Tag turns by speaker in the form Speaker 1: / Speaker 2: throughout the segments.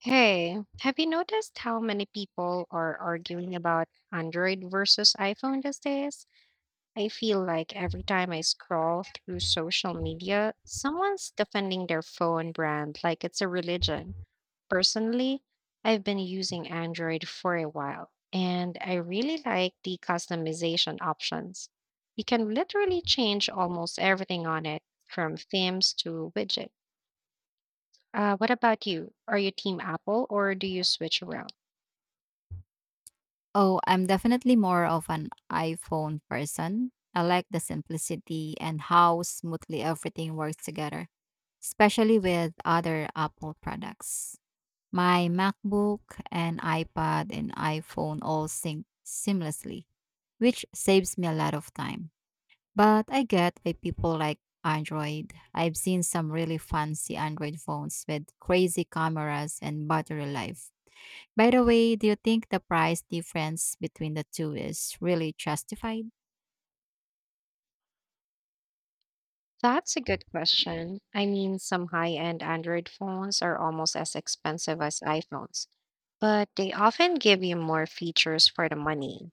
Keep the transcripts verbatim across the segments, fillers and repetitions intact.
Speaker 1: Hey, have you noticed how many people are arguing about Android versus iPhone these days? I feel like every time I scroll through social media, someone's defending their phone brand like it's a religion. Personally, I've been using Android for a while, and I really like the customization options. You can literally change almost everything on it, from themes to widget. Uh, what about you? Are you team Apple or do you switch around?
Speaker 2: Oh, I'm definitely more of an iPhone person. I like the simplicity and how smoothly everything works together, especially with other Apple products. My MacBook and iPad and iPhone all sync seamlessly, which saves me a lot of time. But I get why people like Android. I've seen some really fancy Android phones with crazy cameras and battery life. By the way, do you think the price difference between the two is really justified?
Speaker 1: That's a good question. I mean, some high-end Android phones are almost as expensive as iPhones, but they often give you more features for the money,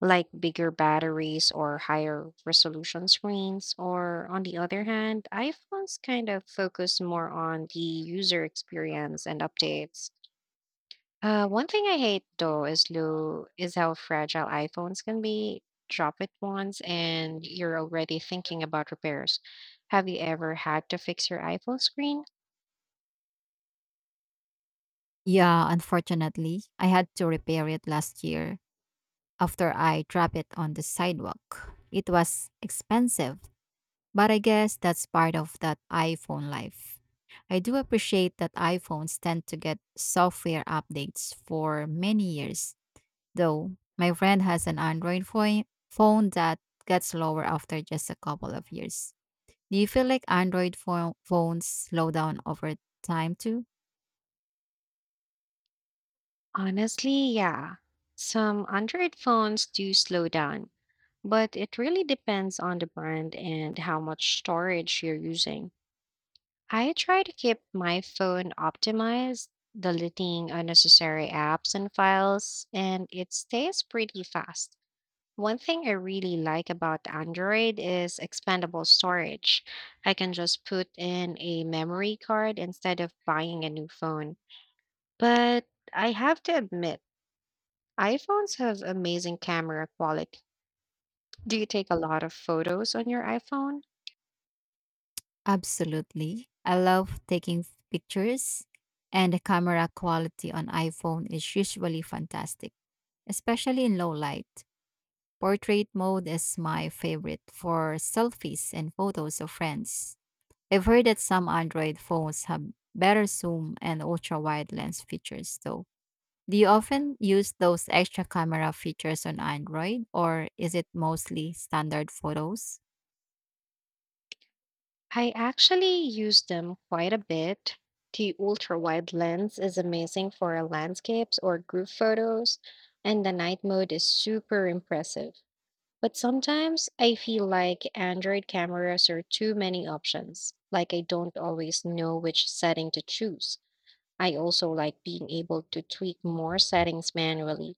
Speaker 1: like bigger batteries or higher resolution screens. Or on the other hand, iPhones kind of focus more on the user experience and updates. Uh, one thing I hate though is lo is how fragile iPhones can be. Drop it once and you're already thinking about repairs. Have you ever had to fix your iPhone screen?
Speaker 2: Yeah, unfortunately, I had to repair it last year after I dropped it on the sidewalk. It was expensive, but I guess that's part of that iPhone life. I do appreciate that iPhones tend to get software updates for many years, though my friend has an Android phone phone that gets lower after just a couple of years. Do you feel like Android pho- phones slow down over time too?
Speaker 1: Honestly, yeah. Some Android phones do slow down, but it really depends on the brand and how much storage you're using. I try to keep my phone optimized, deleting unnecessary apps and files, and it stays pretty fast. One thing I really like about Android is expandable storage. I can just put in a memory card instead of buying a new phone. But I have to admit, iPhones have amazing camera quality. Do you take a lot of photos on your iPhone?
Speaker 2: Absolutely. I love taking f- pictures, and the camera quality on iPhone is usually fantastic, especially in low light. Portrait mode is my favorite for selfies and photos of friends. I've heard that some Android phones have better zoom and ultra wide lens features, though. Do you often use those extra camera features on Android, or is it mostly standard photos?
Speaker 1: I actually use them quite a bit. The ultra wide lens is amazing for landscapes or group photos, and the night mode is super impressive. But sometimes I feel like Android cameras are too many options, like I don't always know which setting to choose. I also like being able to tweak more settings manually,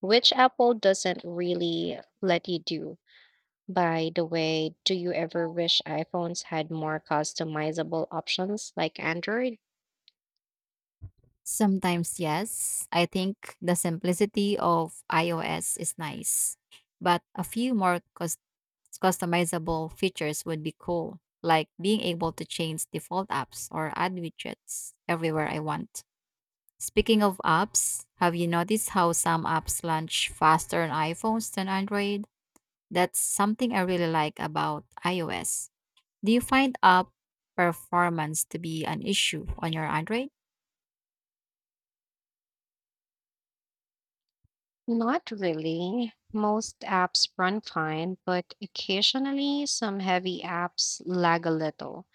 Speaker 1: which Apple doesn't really let you do. By the way, do you ever wish iPhones had more customizable options like Android?
Speaker 2: Sometimes, yes. I think the simplicity of iOS is nice, but a few more cus- customizable features would be cool, like being able to change default apps or add widgets everywhere I want. Speaking of apps, have you noticed how some apps launch faster on iPhones than Android? That's something I really like about iOS. Do you find app performance to be an issue on your Android?
Speaker 1: Not really. Most apps run fine, but occasionally some heavy apps lag a little,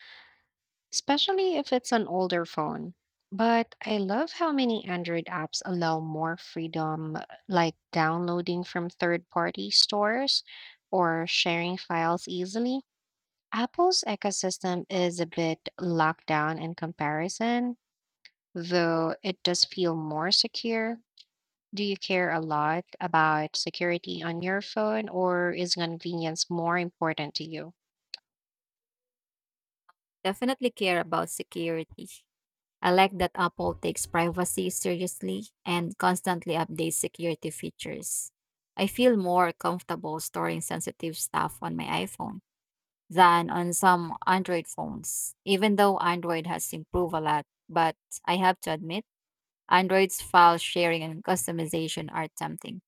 Speaker 1: especially if it's an older phone. But I love how many Android apps allow more freedom, uh, like downloading from third party stores or sharing files easily. Apple's ecosystem is a bit locked down in comparison, though it does feel more secure. Do you care a lot about security on your phone, or is convenience more important to you?
Speaker 2: Definitely care about security. I like that Apple takes privacy seriously and constantly updates security features. I feel more comfortable storing sensitive stuff on my iPhone than on some Android phones, even though Android has improved a lot. But I have to admit, Android's file sharing and customization are tempting.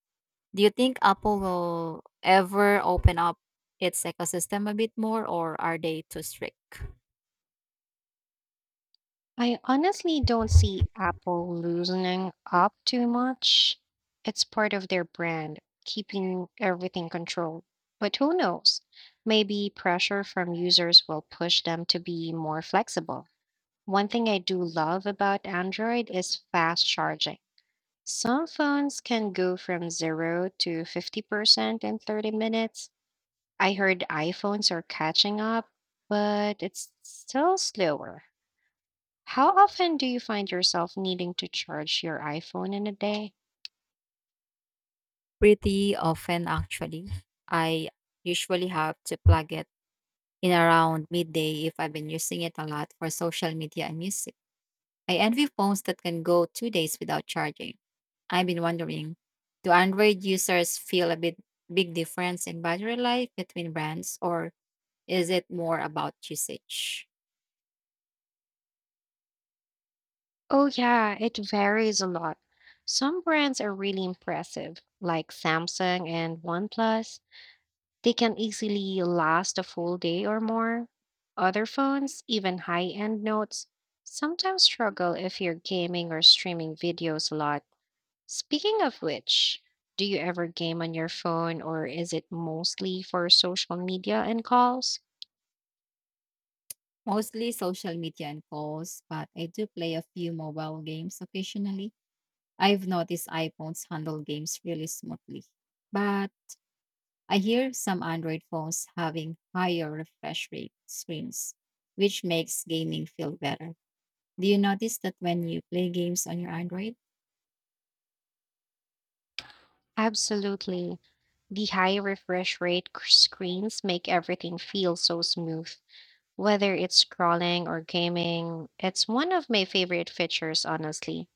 Speaker 2: Do you think Apple will ever open up its ecosystem a bit more, or are they too strict?
Speaker 1: I honestly don't see Apple loosening up too much. It's part of their brand, keeping everything controlled. But who knows? Maybe pressure from users will push them to be more flexible. One thing I do love about Android is fast charging. Some phones can go from zero to fifty percent in thirty minutes. I heard iPhones are catching up, but it's still slower. How often do you find yourself needing to charge your iPhone in a day?
Speaker 2: Pretty often, actually. I usually have to plug it in around midday if I've been using it a lot for social media and music. I envy phones that can go two days without charging. I've been wondering, do Android users feel a bit big difference in battery life between brands, or is it more about usage?
Speaker 1: Oh, yeah, it varies a lot. Some brands are really impressive, like Samsung and OnePlus. They can easily last a full day or more. Other phones, even high-end notes, sometimes struggle if you're gaming or streaming videos a lot. Speaking of which, do you ever game on your phone or is it mostly for social media and calls?
Speaker 2: Mostly social media and calls, but I do play a few mobile games occasionally. I've noticed iPhones handle games really smoothly, but I hear some Android phones having higher refresh rate screens, which makes gaming feel better. Do you notice that when you play games on your Android?
Speaker 1: Absolutely. The high refresh rate c- screens make everything feel so smooth, whether it's scrolling or gaming. It's one of my favorite features, honestly.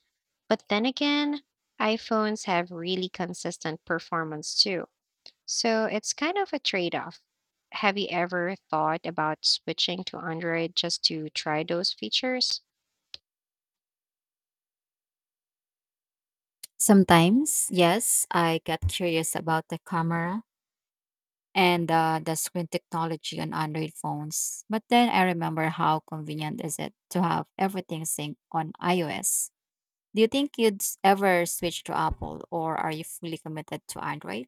Speaker 1: But then again, iPhones have really consistent performance too. So it's kind of a trade off. Have you ever thought about switching to Android just to try those features?
Speaker 2: Sometimes, yes, I get curious about the camera and uh, the screen technology on Android phones. But then I remember how convenient is it to have everything synced on iOS. Do you think you'd s- ever switch to Apple, or are you fully committed to Android?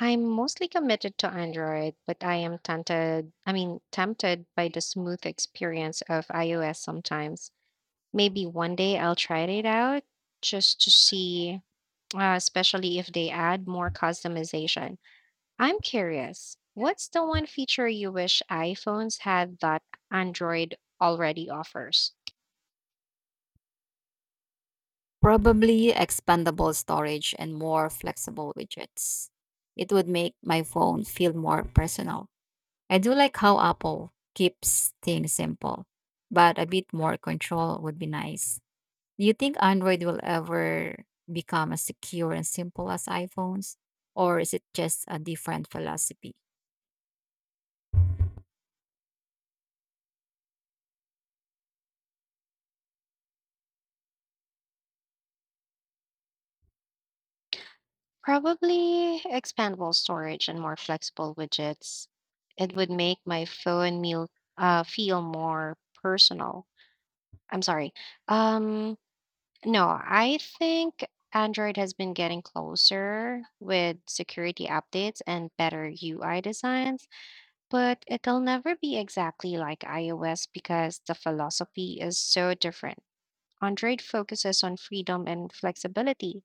Speaker 1: I'm mostly committed to Android, but I am tempted, I mean, tempted by the smooth experience of iOS sometimes. Maybe one day I'll try it out just to see, uh, especially if they add more customization. I'm curious, what's the one feature you wish iPhones had that Android already offers?
Speaker 2: Probably expandable storage and more flexible widgets. It would make my phone feel more personal. I do like how Apple keeps things simple, but a bit more control would be nice. Do you think Android will ever become as secure and simple as iPhones? Or is it just a different philosophy?
Speaker 1: Probably expandable storage and more flexible widgets. It would make my phone meal uh, feel more personal. I'm sorry. Um, no, I think Android has been getting closer with security updates and better U I designs, but it'll never be exactly like iOS because the philosophy is so different. Android focuses on freedom and flexibility,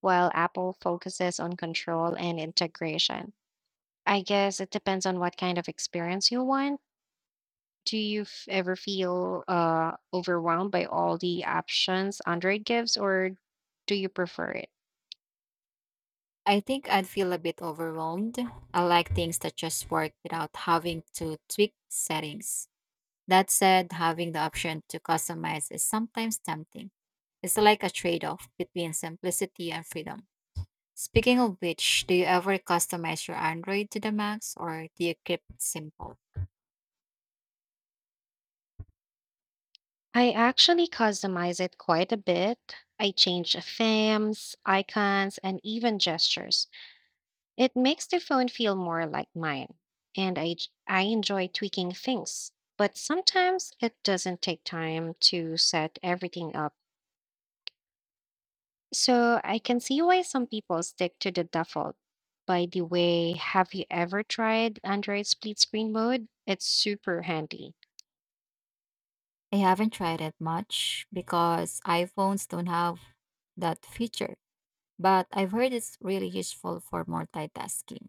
Speaker 1: while Apple focuses on control and integration. I guess it depends on what kind of experience you want. Do you f- ever feel uh, overwhelmed by all the options Android gives, or do you prefer it?
Speaker 2: I think I'd feel a bit overwhelmed. I like things that just work without having to tweak settings. That said, having the option to customize is sometimes tempting. It's like a trade off between simplicity and freedom. Speaking of which, do you ever customize your Android to the max, or do you keep it simple?
Speaker 1: I actually customize it quite a bit. I change themes, icons, and even gestures. It makes the phone feel more like mine, and I, j- I enjoy tweaking things. But sometimes it doesn't take time to set everything up, so I can see why some people stick to the default. By the way, have you ever tried Android split screen mode? It's super handy.
Speaker 2: I haven't tried it much because iPhones don't have that feature, but I've heard it's really useful for multitasking,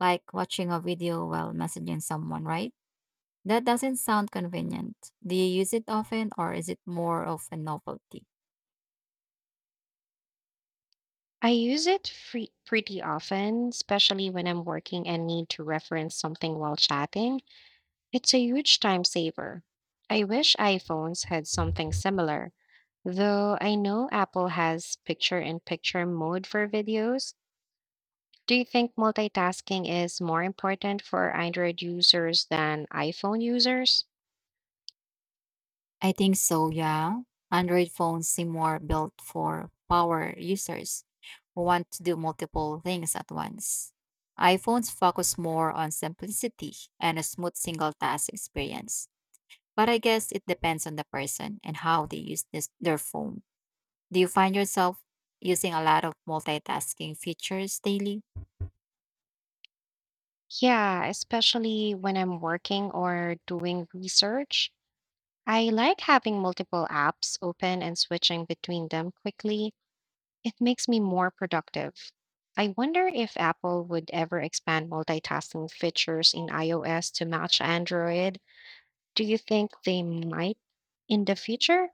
Speaker 2: like watching a video while messaging someone, right? That doesn't sound convenient. Do you use it often, or is it more of a novelty?
Speaker 1: I use it free- pretty often, especially when I'm working and need to reference something while chatting. It's a huge time saver. I wish iPhones had something similar, though I know Apple has picture in picture mode for videos. Do you think multitasking is more important for Android users than iPhone users?
Speaker 2: I think so, yeah. Android phones seem more built for power users who want to do multiple things at once. iPhones focus more on simplicity and a smooth single task experience. But I guess it depends on the person and how they use this, their phone. Do you find yourself using a lot of multitasking features daily?
Speaker 1: Yeah, especially when I'm working or doing research. I like having multiple apps open and switching between them quickly. It makes me more productive. I wonder if Apple would ever expand multitasking features in iOS to match Android. Do you think they might in the future?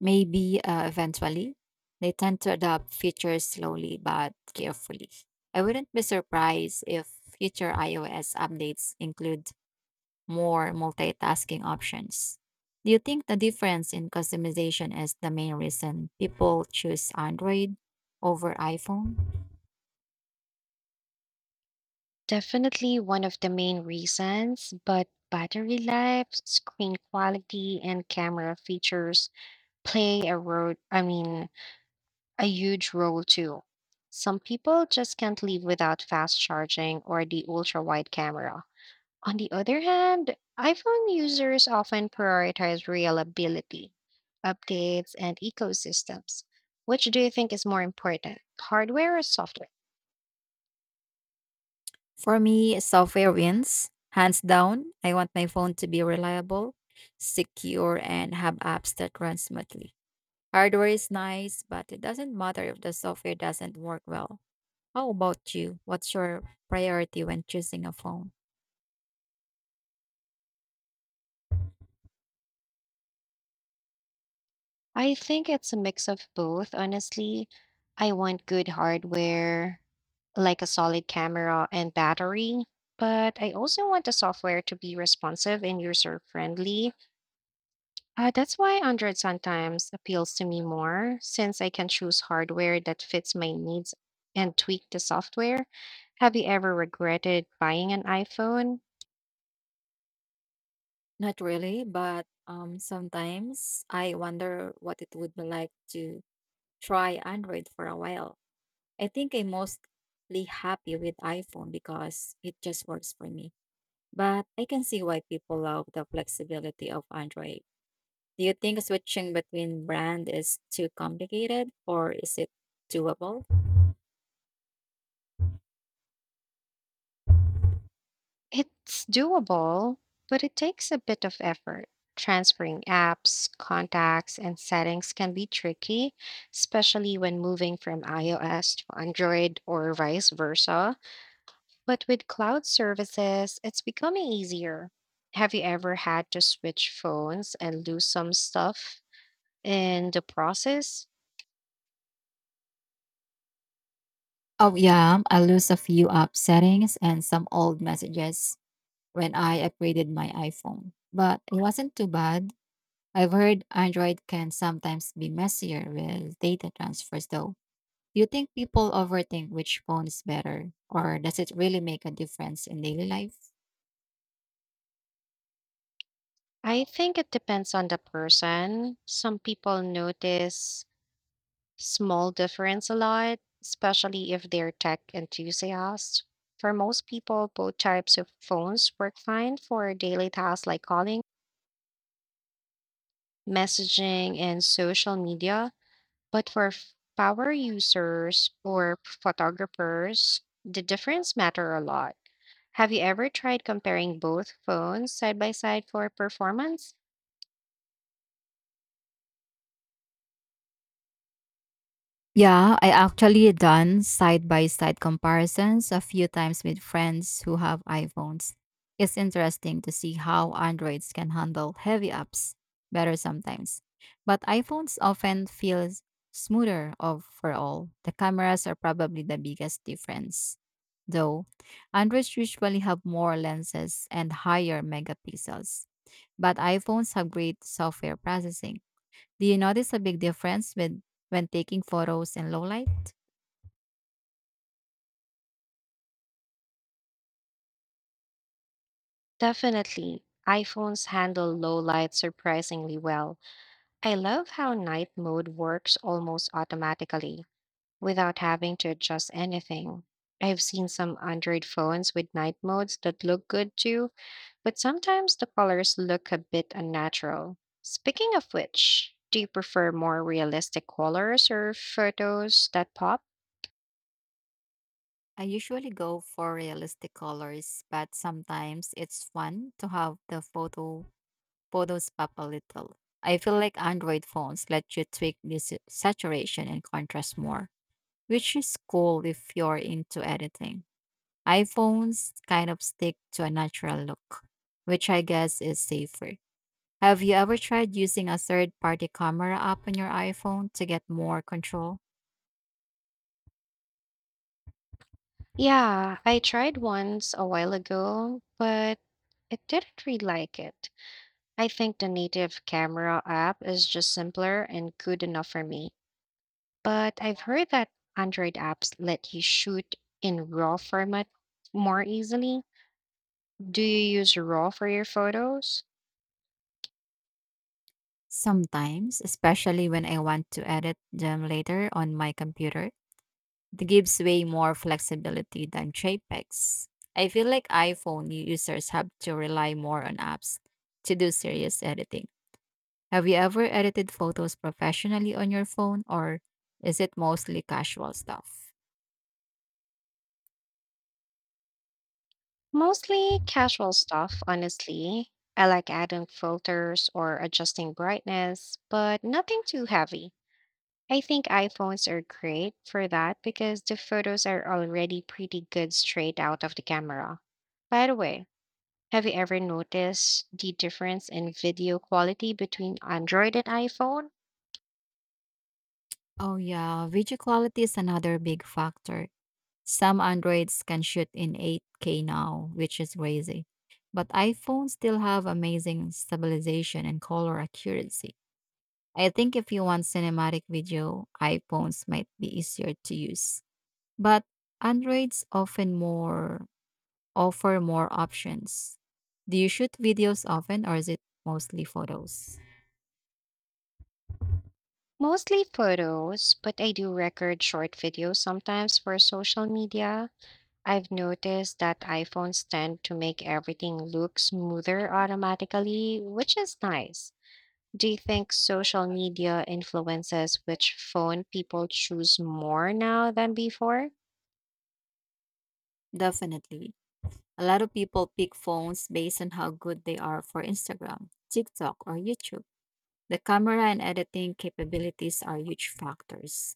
Speaker 2: Maybe uh, eventually. They tend to adopt features slowly but carefully. I wouldn't be surprised if future iOS updates include more multitasking options. Do you think the difference in customization is the main reason people choose Android over iPhone?
Speaker 1: Definitely one of the main reasons, but battery life, screen quality, and camera features play a role, I mean, a huge role too. Some people just can't live without fast charging or the ultra wide camera. On the other hand, iPhone users often prioritize reliability, updates, and ecosystems. Which do you think is more important, hardware or software?
Speaker 2: For me, software wins. Hands down, I want my phone to be reliable, secure, and have apps that run smoothly. Hardware is nice, but it doesn't matter if the software doesn't work well. How about you? What's your priority when choosing a phone?
Speaker 1: I think it's a mix of both, honestly. I want good hardware, like a solid camera and battery, but I also want the software to be responsive and user friendly. Uh, that's why Android sometimes appeals to me more, since I can choose hardware that fits my needs and tweak the software. Have you ever regretted buying an iPhone?
Speaker 2: Not really, but um, sometimes I wonder what it would be like to try Android for a while. I think I'm mostly happy with iPhone because it just works for me. But I can see why people love the flexibility of Android. Do you think switching between brand is too complicated, or is it doable?
Speaker 1: It's doable, but it takes a bit of effort. Transferring apps, contacts, and settings can be tricky, especially when moving from iOS to Android or vice versa. But with cloud services, it's becoming easier. Have you ever had to switch phones and lose some stuff in the process?
Speaker 2: Oh yeah, I lose a few app settings and some old messages when I upgraded my iPhone. But it wasn't too bad. I've heard Android can sometimes be messier with data transfers though. Do you think people overthink which phone is better, or does it really make a difference in daily life?
Speaker 1: I think it depends on the person. Some people notice small difference a lot, especially if they're tech enthusiasts. For most people, both types of phones work fine for daily tasks like calling, messaging, and social media. But for f- power users or photographers, the difference matter a lot. Have you ever tried comparing both phones side by side for performance?
Speaker 2: Yeah, I actually done side by side comparisons a few times with friends who have iPhones. It's interesting to see how Androids can handle heavy apps better sometimes, but iPhones often feel smoother overall. The cameras are probably the biggest difference. Though, Androids usually have more lenses and higher megapixels, but iPhones have great software processing. Do you notice a big difference with when taking photos in low light?
Speaker 1: Definitely. iPhones handle low light surprisingly well. I love how night mode works almost automatically without having to adjust anything. I've seen some Android phones with night modes that look good too, but sometimes the colors look a bit unnatural. Speaking of which, do you prefer more realistic colors or photos that pop?
Speaker 2: I usually go for realistic colors, but sometimes it's fun to have the photo photos pop a little. I feel like Android phones let you tweak this saturation and contrast more, which is cool if you're into editing. iPhones kind of stick to a natural look, which I guess is safer. Have you ever tried using a third-party camera app on your iPhone to get more control?
Speaker 1: Yeah, I tried once a while ago, but it didn't really like it. I think the native camera app is just simpler and good enough for me. But I've heard that Android apps let you shoot in RAW format more easily. Do you use RAW for your photos?
Speaker 2: Sometimes, especially when I want to edit them later on my computer, it gives way more flexibility than JPEGs. I feel like iPhone users have to rely more on apps to do serious editing. Have you ever edited photos professionally on your phone, or is it mostly casual stuff?
Speaker 1: Mostly casual stuff, honestly. I like adding filters or adjusting brightness, but nothing too heavy. I think iPhones are great for that because the photos are already pretty good straight out of the camera. By the way, have you ever noticed the difference in video quality between Android and iPhone?
Speaker 2: Oh, yeah, video quality is another big factor. Some Androids can shoot in eight K now, which is crazy. But iPhones still have amazing stabilization and color accuracy. I think if you want cinematic video, iPhones might be easier to use. But Androids often more offer more options. Do you shoot videos often, or is it mostly photos?
Speaker 1: Mostly photos, but I do record short videos sometimes for social media. I've noticed that iPhones tend to make everything look smoother automatically, which is nice. Do you think social media influences which phone people choose more now than before?
Speaker 2: Definitely. A lot of people pick phones based on how good they are for Instagram, TikTok, or YouTube. The camera and editing capabilities are huge factors.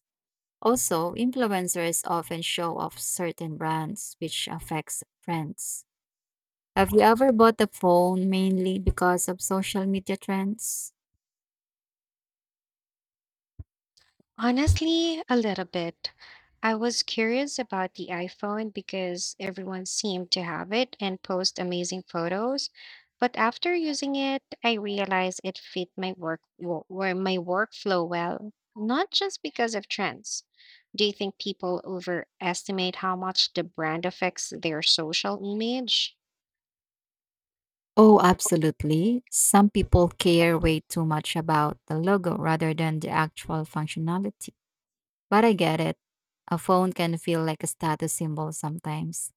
Speaker 2: Also, influencers often show off certain brands, which affects trends. Have you ever bought a phone mainly because of social media trends?
Speaker 1: Honestly, a little bit. I was curious about the iPhone because everyone seemed to have it and post amazing photos. But after using it, I realized it fit my work wo- where my workflow well, not just because of trends. Do you think people overestimate how much the brand affects their social image?
Speaker 2: Oh, absolutely. Some people care way too much about the logo rather than the actual functionality. But I get it. A phone can feel like a status symbol sometimes.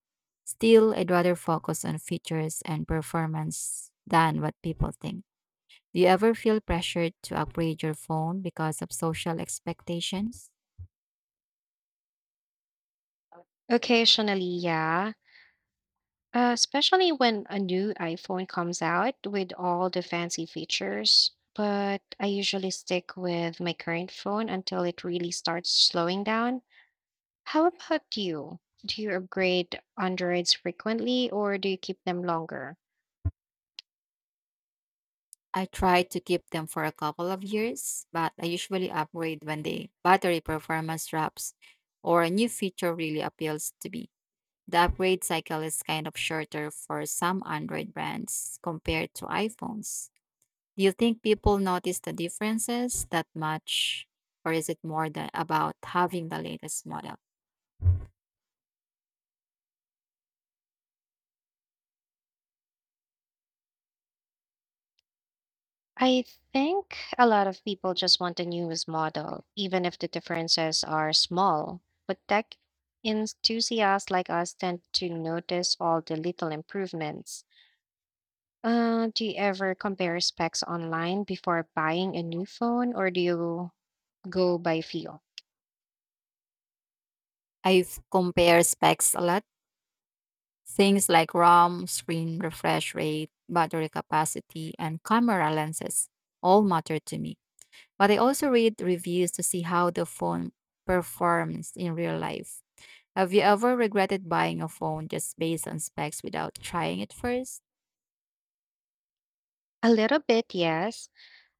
Speaker 2: Still, I'd rather focus on features and performance than what people think. Do you ever feel pressured to upgrade your phone because of social expectations?
Speaker 1: Occasionally, yeah. Uh, especially when a new iPhone comes out with all the fancy features. But I usually stick with my current phone until it really starts slowing down. How about you? Do you upgrade Androids frequently or do you keep them longer?
Speaker 2: I try to keep them for a couple of years, but I usually upgrade when the battery performance drops or a new feature really appeals to me. The upgrade cycle is kind of shorter for some Android brands compared to iPhones. Do you think people notice the differences that much, or is it more than about having the latest model?
Speaker 1: I think a lot of people just want the newest model, even if the differences are small. But tech enthusiasts like us tend to notice all the little improvements. Uh, do you ever compare specs online before buying a new phone, or do you go by feel?
Speaker 2: I've compared specs a lot. Things like RAM, screen refresh rate, battery capacity, and camera lenses all matter to me. But I also read reviews to see how the phone performs in real life. Have you ever regretted buying a phone just based on specs without trying it first?
Speaker 1: A little bit, yes.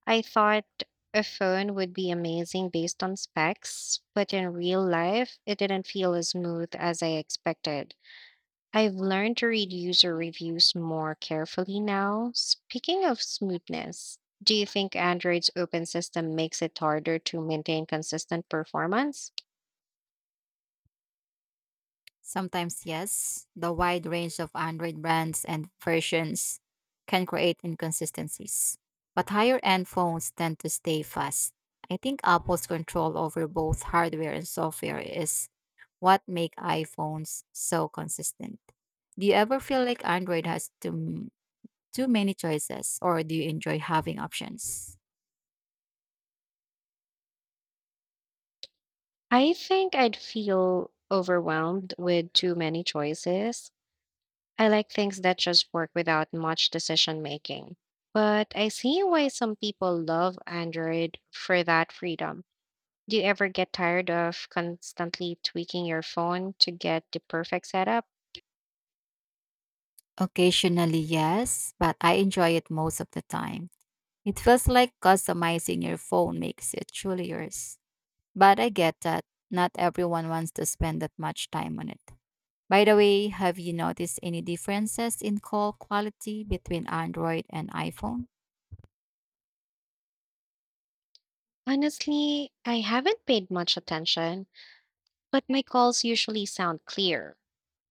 Speaker 1: I thought a phone would be amazing based on specs, but in real life, it didn't feel as smooth as I expected. I've learned to read user reviews more carefully now. Speaking of smoothness, do you think Android's open system makes it harder to maintain consistent performance?
Speaker 2: Sometimes, yes, the wide range of Android brands and versions can create inconsistencies, but higher end phones tend to stay fast. I think Apple's control over both hardware and software is what make iPhones so consistent. Do you ever feel like Android has too, too many choices, or do you enjoy having options?
Speaker 1: I think I'd feel overwhelmed with too many choices. I like things that just work without much decision making. But I see why some people love Android for that freedom. Do you ever get tired of constantly tweaking your phone to get the perfect setup?
Speaker 2: Occasionally, yes, but I enjoy it most of the time. It feels like customizing your phone makes it truly yours. But I get that not everyone wants to spend that much time on it. By the way, have you noticed any differences in call quality between Android and iPhone?
Speaker 1: Honestly, I haven't paid much attention, but my calls usually sound clear.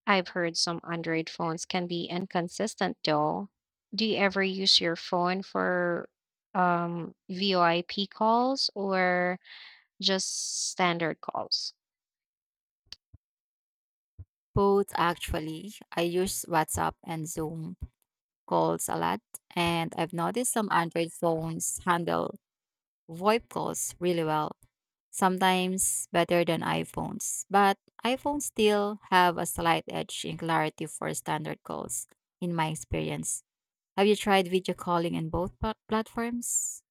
Speaker 1: I've heard some Android phones can be inconsistent though. Do you ever use your phone for um, VoIP calls or just standard calls?
Speaker 2: Both actually. I use WhatsApp and Zoom calls a lot, and I've noticed some Android phones handle VoIP calls really well, sometimes better than iPhones. But iPhones still have a slight edge in clarity for standard calls, in my experience. Have you tried video calling in both pla- platforms?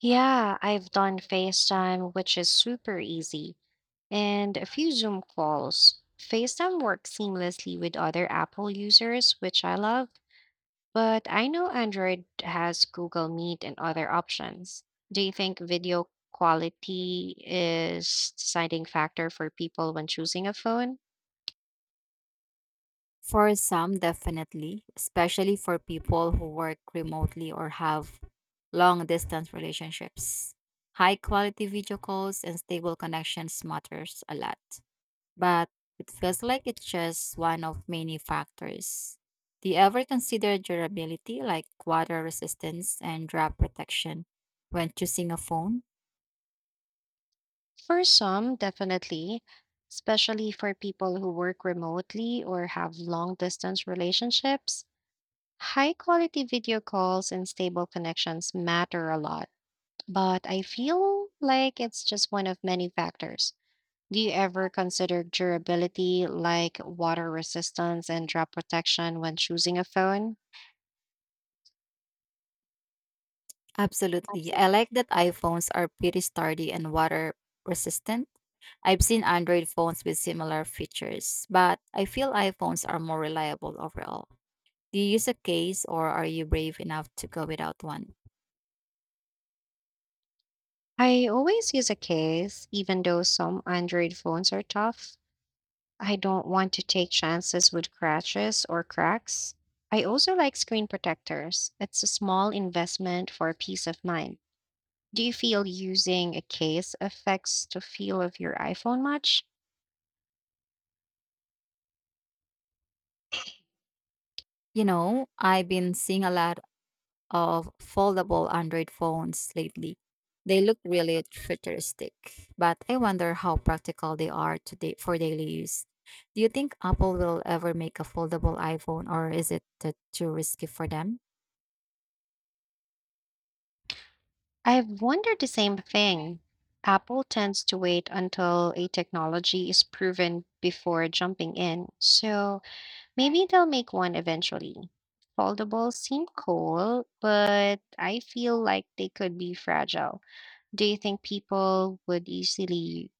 Speaker 1: Yeah, I've done FaceTime, which is super easy, and a few Zoom calls. FaceTime works seamlessly with other Apple users, which I love. But I know Android has Google Meet and other options. Do you think video quality is deciding factor for people when choosing a phone?
Speaker 2: For some, definitely, especially for people who work remotely or have long distance relationships. High quality video calls and stable connections matters a lot, but it feels like it's just one of many factors. Do you ever consider durability like water resistance and drop protection when choosing a phone?
Speaker 1: For some, definitely, especially for people who work remotely or have long distance relationships. High quality video calls and stable connections matter a lot, but I feel like it's just one of many factors. Do you ever consider durability like water resistance and drop protection when choosing a phone?
Speaker 2: Absolutely. I
Speaker 1: Absolutely.
Speaker 2: like that iPhones are pretty sturdy and water resistant. I've seen Android phones with similar features, but I feel iPhones are more reliable overall. Do you use a case, or are you brave enough to go without one?
Speaker 1: I always use a case, even though some Android phones are tough. I don't want to take chances with crashes or cracks. I also like screen protectors. It's a small investment for peace of mind. Do you feel using a case affects the feel of your iPhone much?
Speaker 2: You know, I've been seeing a lot of foldable Android phones lately. They look really futuristic, but I wonder how practical they are today for daily use. Do you think Apple will ever make a foldable iPhone, or is it uh, too risky for them?
Speaker 1: I've wondered the same thing. Apple tends to wait until a technology is proven before jumping in, so maybe they'll make one eventually. Foldables seem cool, but I feel like they could be fragile. Do you think people would easily,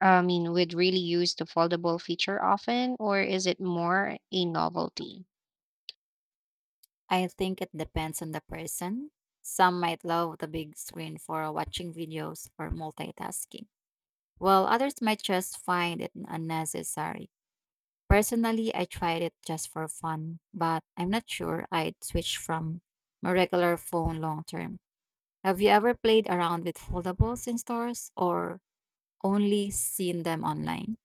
Speaker 1: I mean, would really use the foldable feature often, or is it more a novelty?
Speaker 2: I think it depends on the person. Some might love the big screen for watching videos or multitasking, while others might just find it unnecessary. Personally, I tried it just for fun, but I'm not sure I'd switch from my regular phone long term. Have you ever played around with foldables in stores, or only seen them online?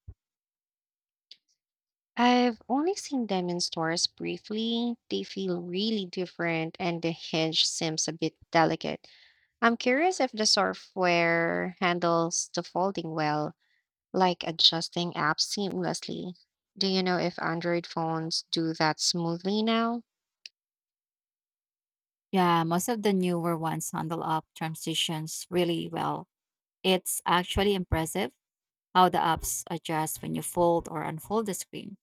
Speaker 1: I've only seen them in stores briefly. They feel really different and the hinge seems a bit delicate. I'm curious if the software handles the folding well, like adjusting apps seamlessly. Do you know if Android phones do that smoothly now?
Speaker 2: Yeah, most of the newer ones handle app transitions really well. It's actually impressive how the apps adjust when you fold or unfold the screen.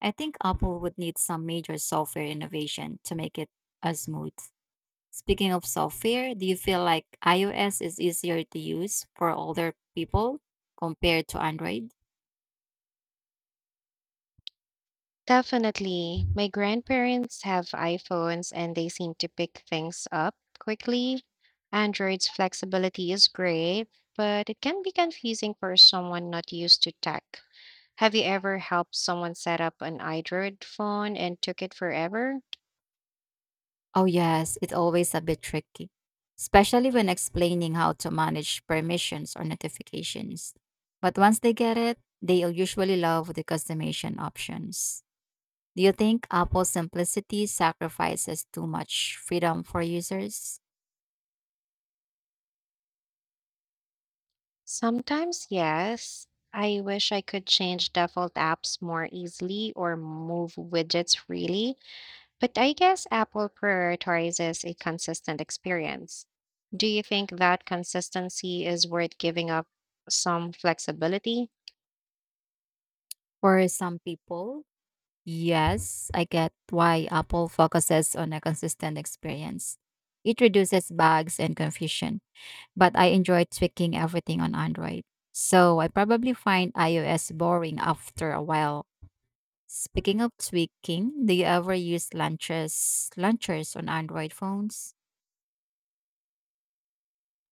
Speaker 2: I think Apple would need some major software innovation to make it as smooth. Speaking of software, do you feel like iOS is easier to use for older people compared to Android?
Speaker 1: Definitely. My grandparents have iPhones and they seem to pick things up quickly. Android's flexibility is great, but it can be confusing for someone not used to tech. Have you ever helped someone set up an Android phone and took it forever?
Speaker 2: Oh, yes, it's always a bit tricky, especially when explaining how to manage permissions or notifications. But once they get it, they'll usually love the customization options. Do you think Apple's simplicity sacrifices too much freedom for users?
Speaker 1: Sometimes, yes. I wish I could change default apps more easily or move widgets freely, but I guess Apple prioritizes a consistent experience. Do you think that consistency is worth giving up some flexibility?
Speaker 2: For some people, yes, I get why Apple focuses on a consistent experience. It reduces bugs and confusion, but I enjoy tweaking everything on Android. So I probably find iOS boring after a while. Speaking of tweaking, do you ever use launchers launchers on Android phones?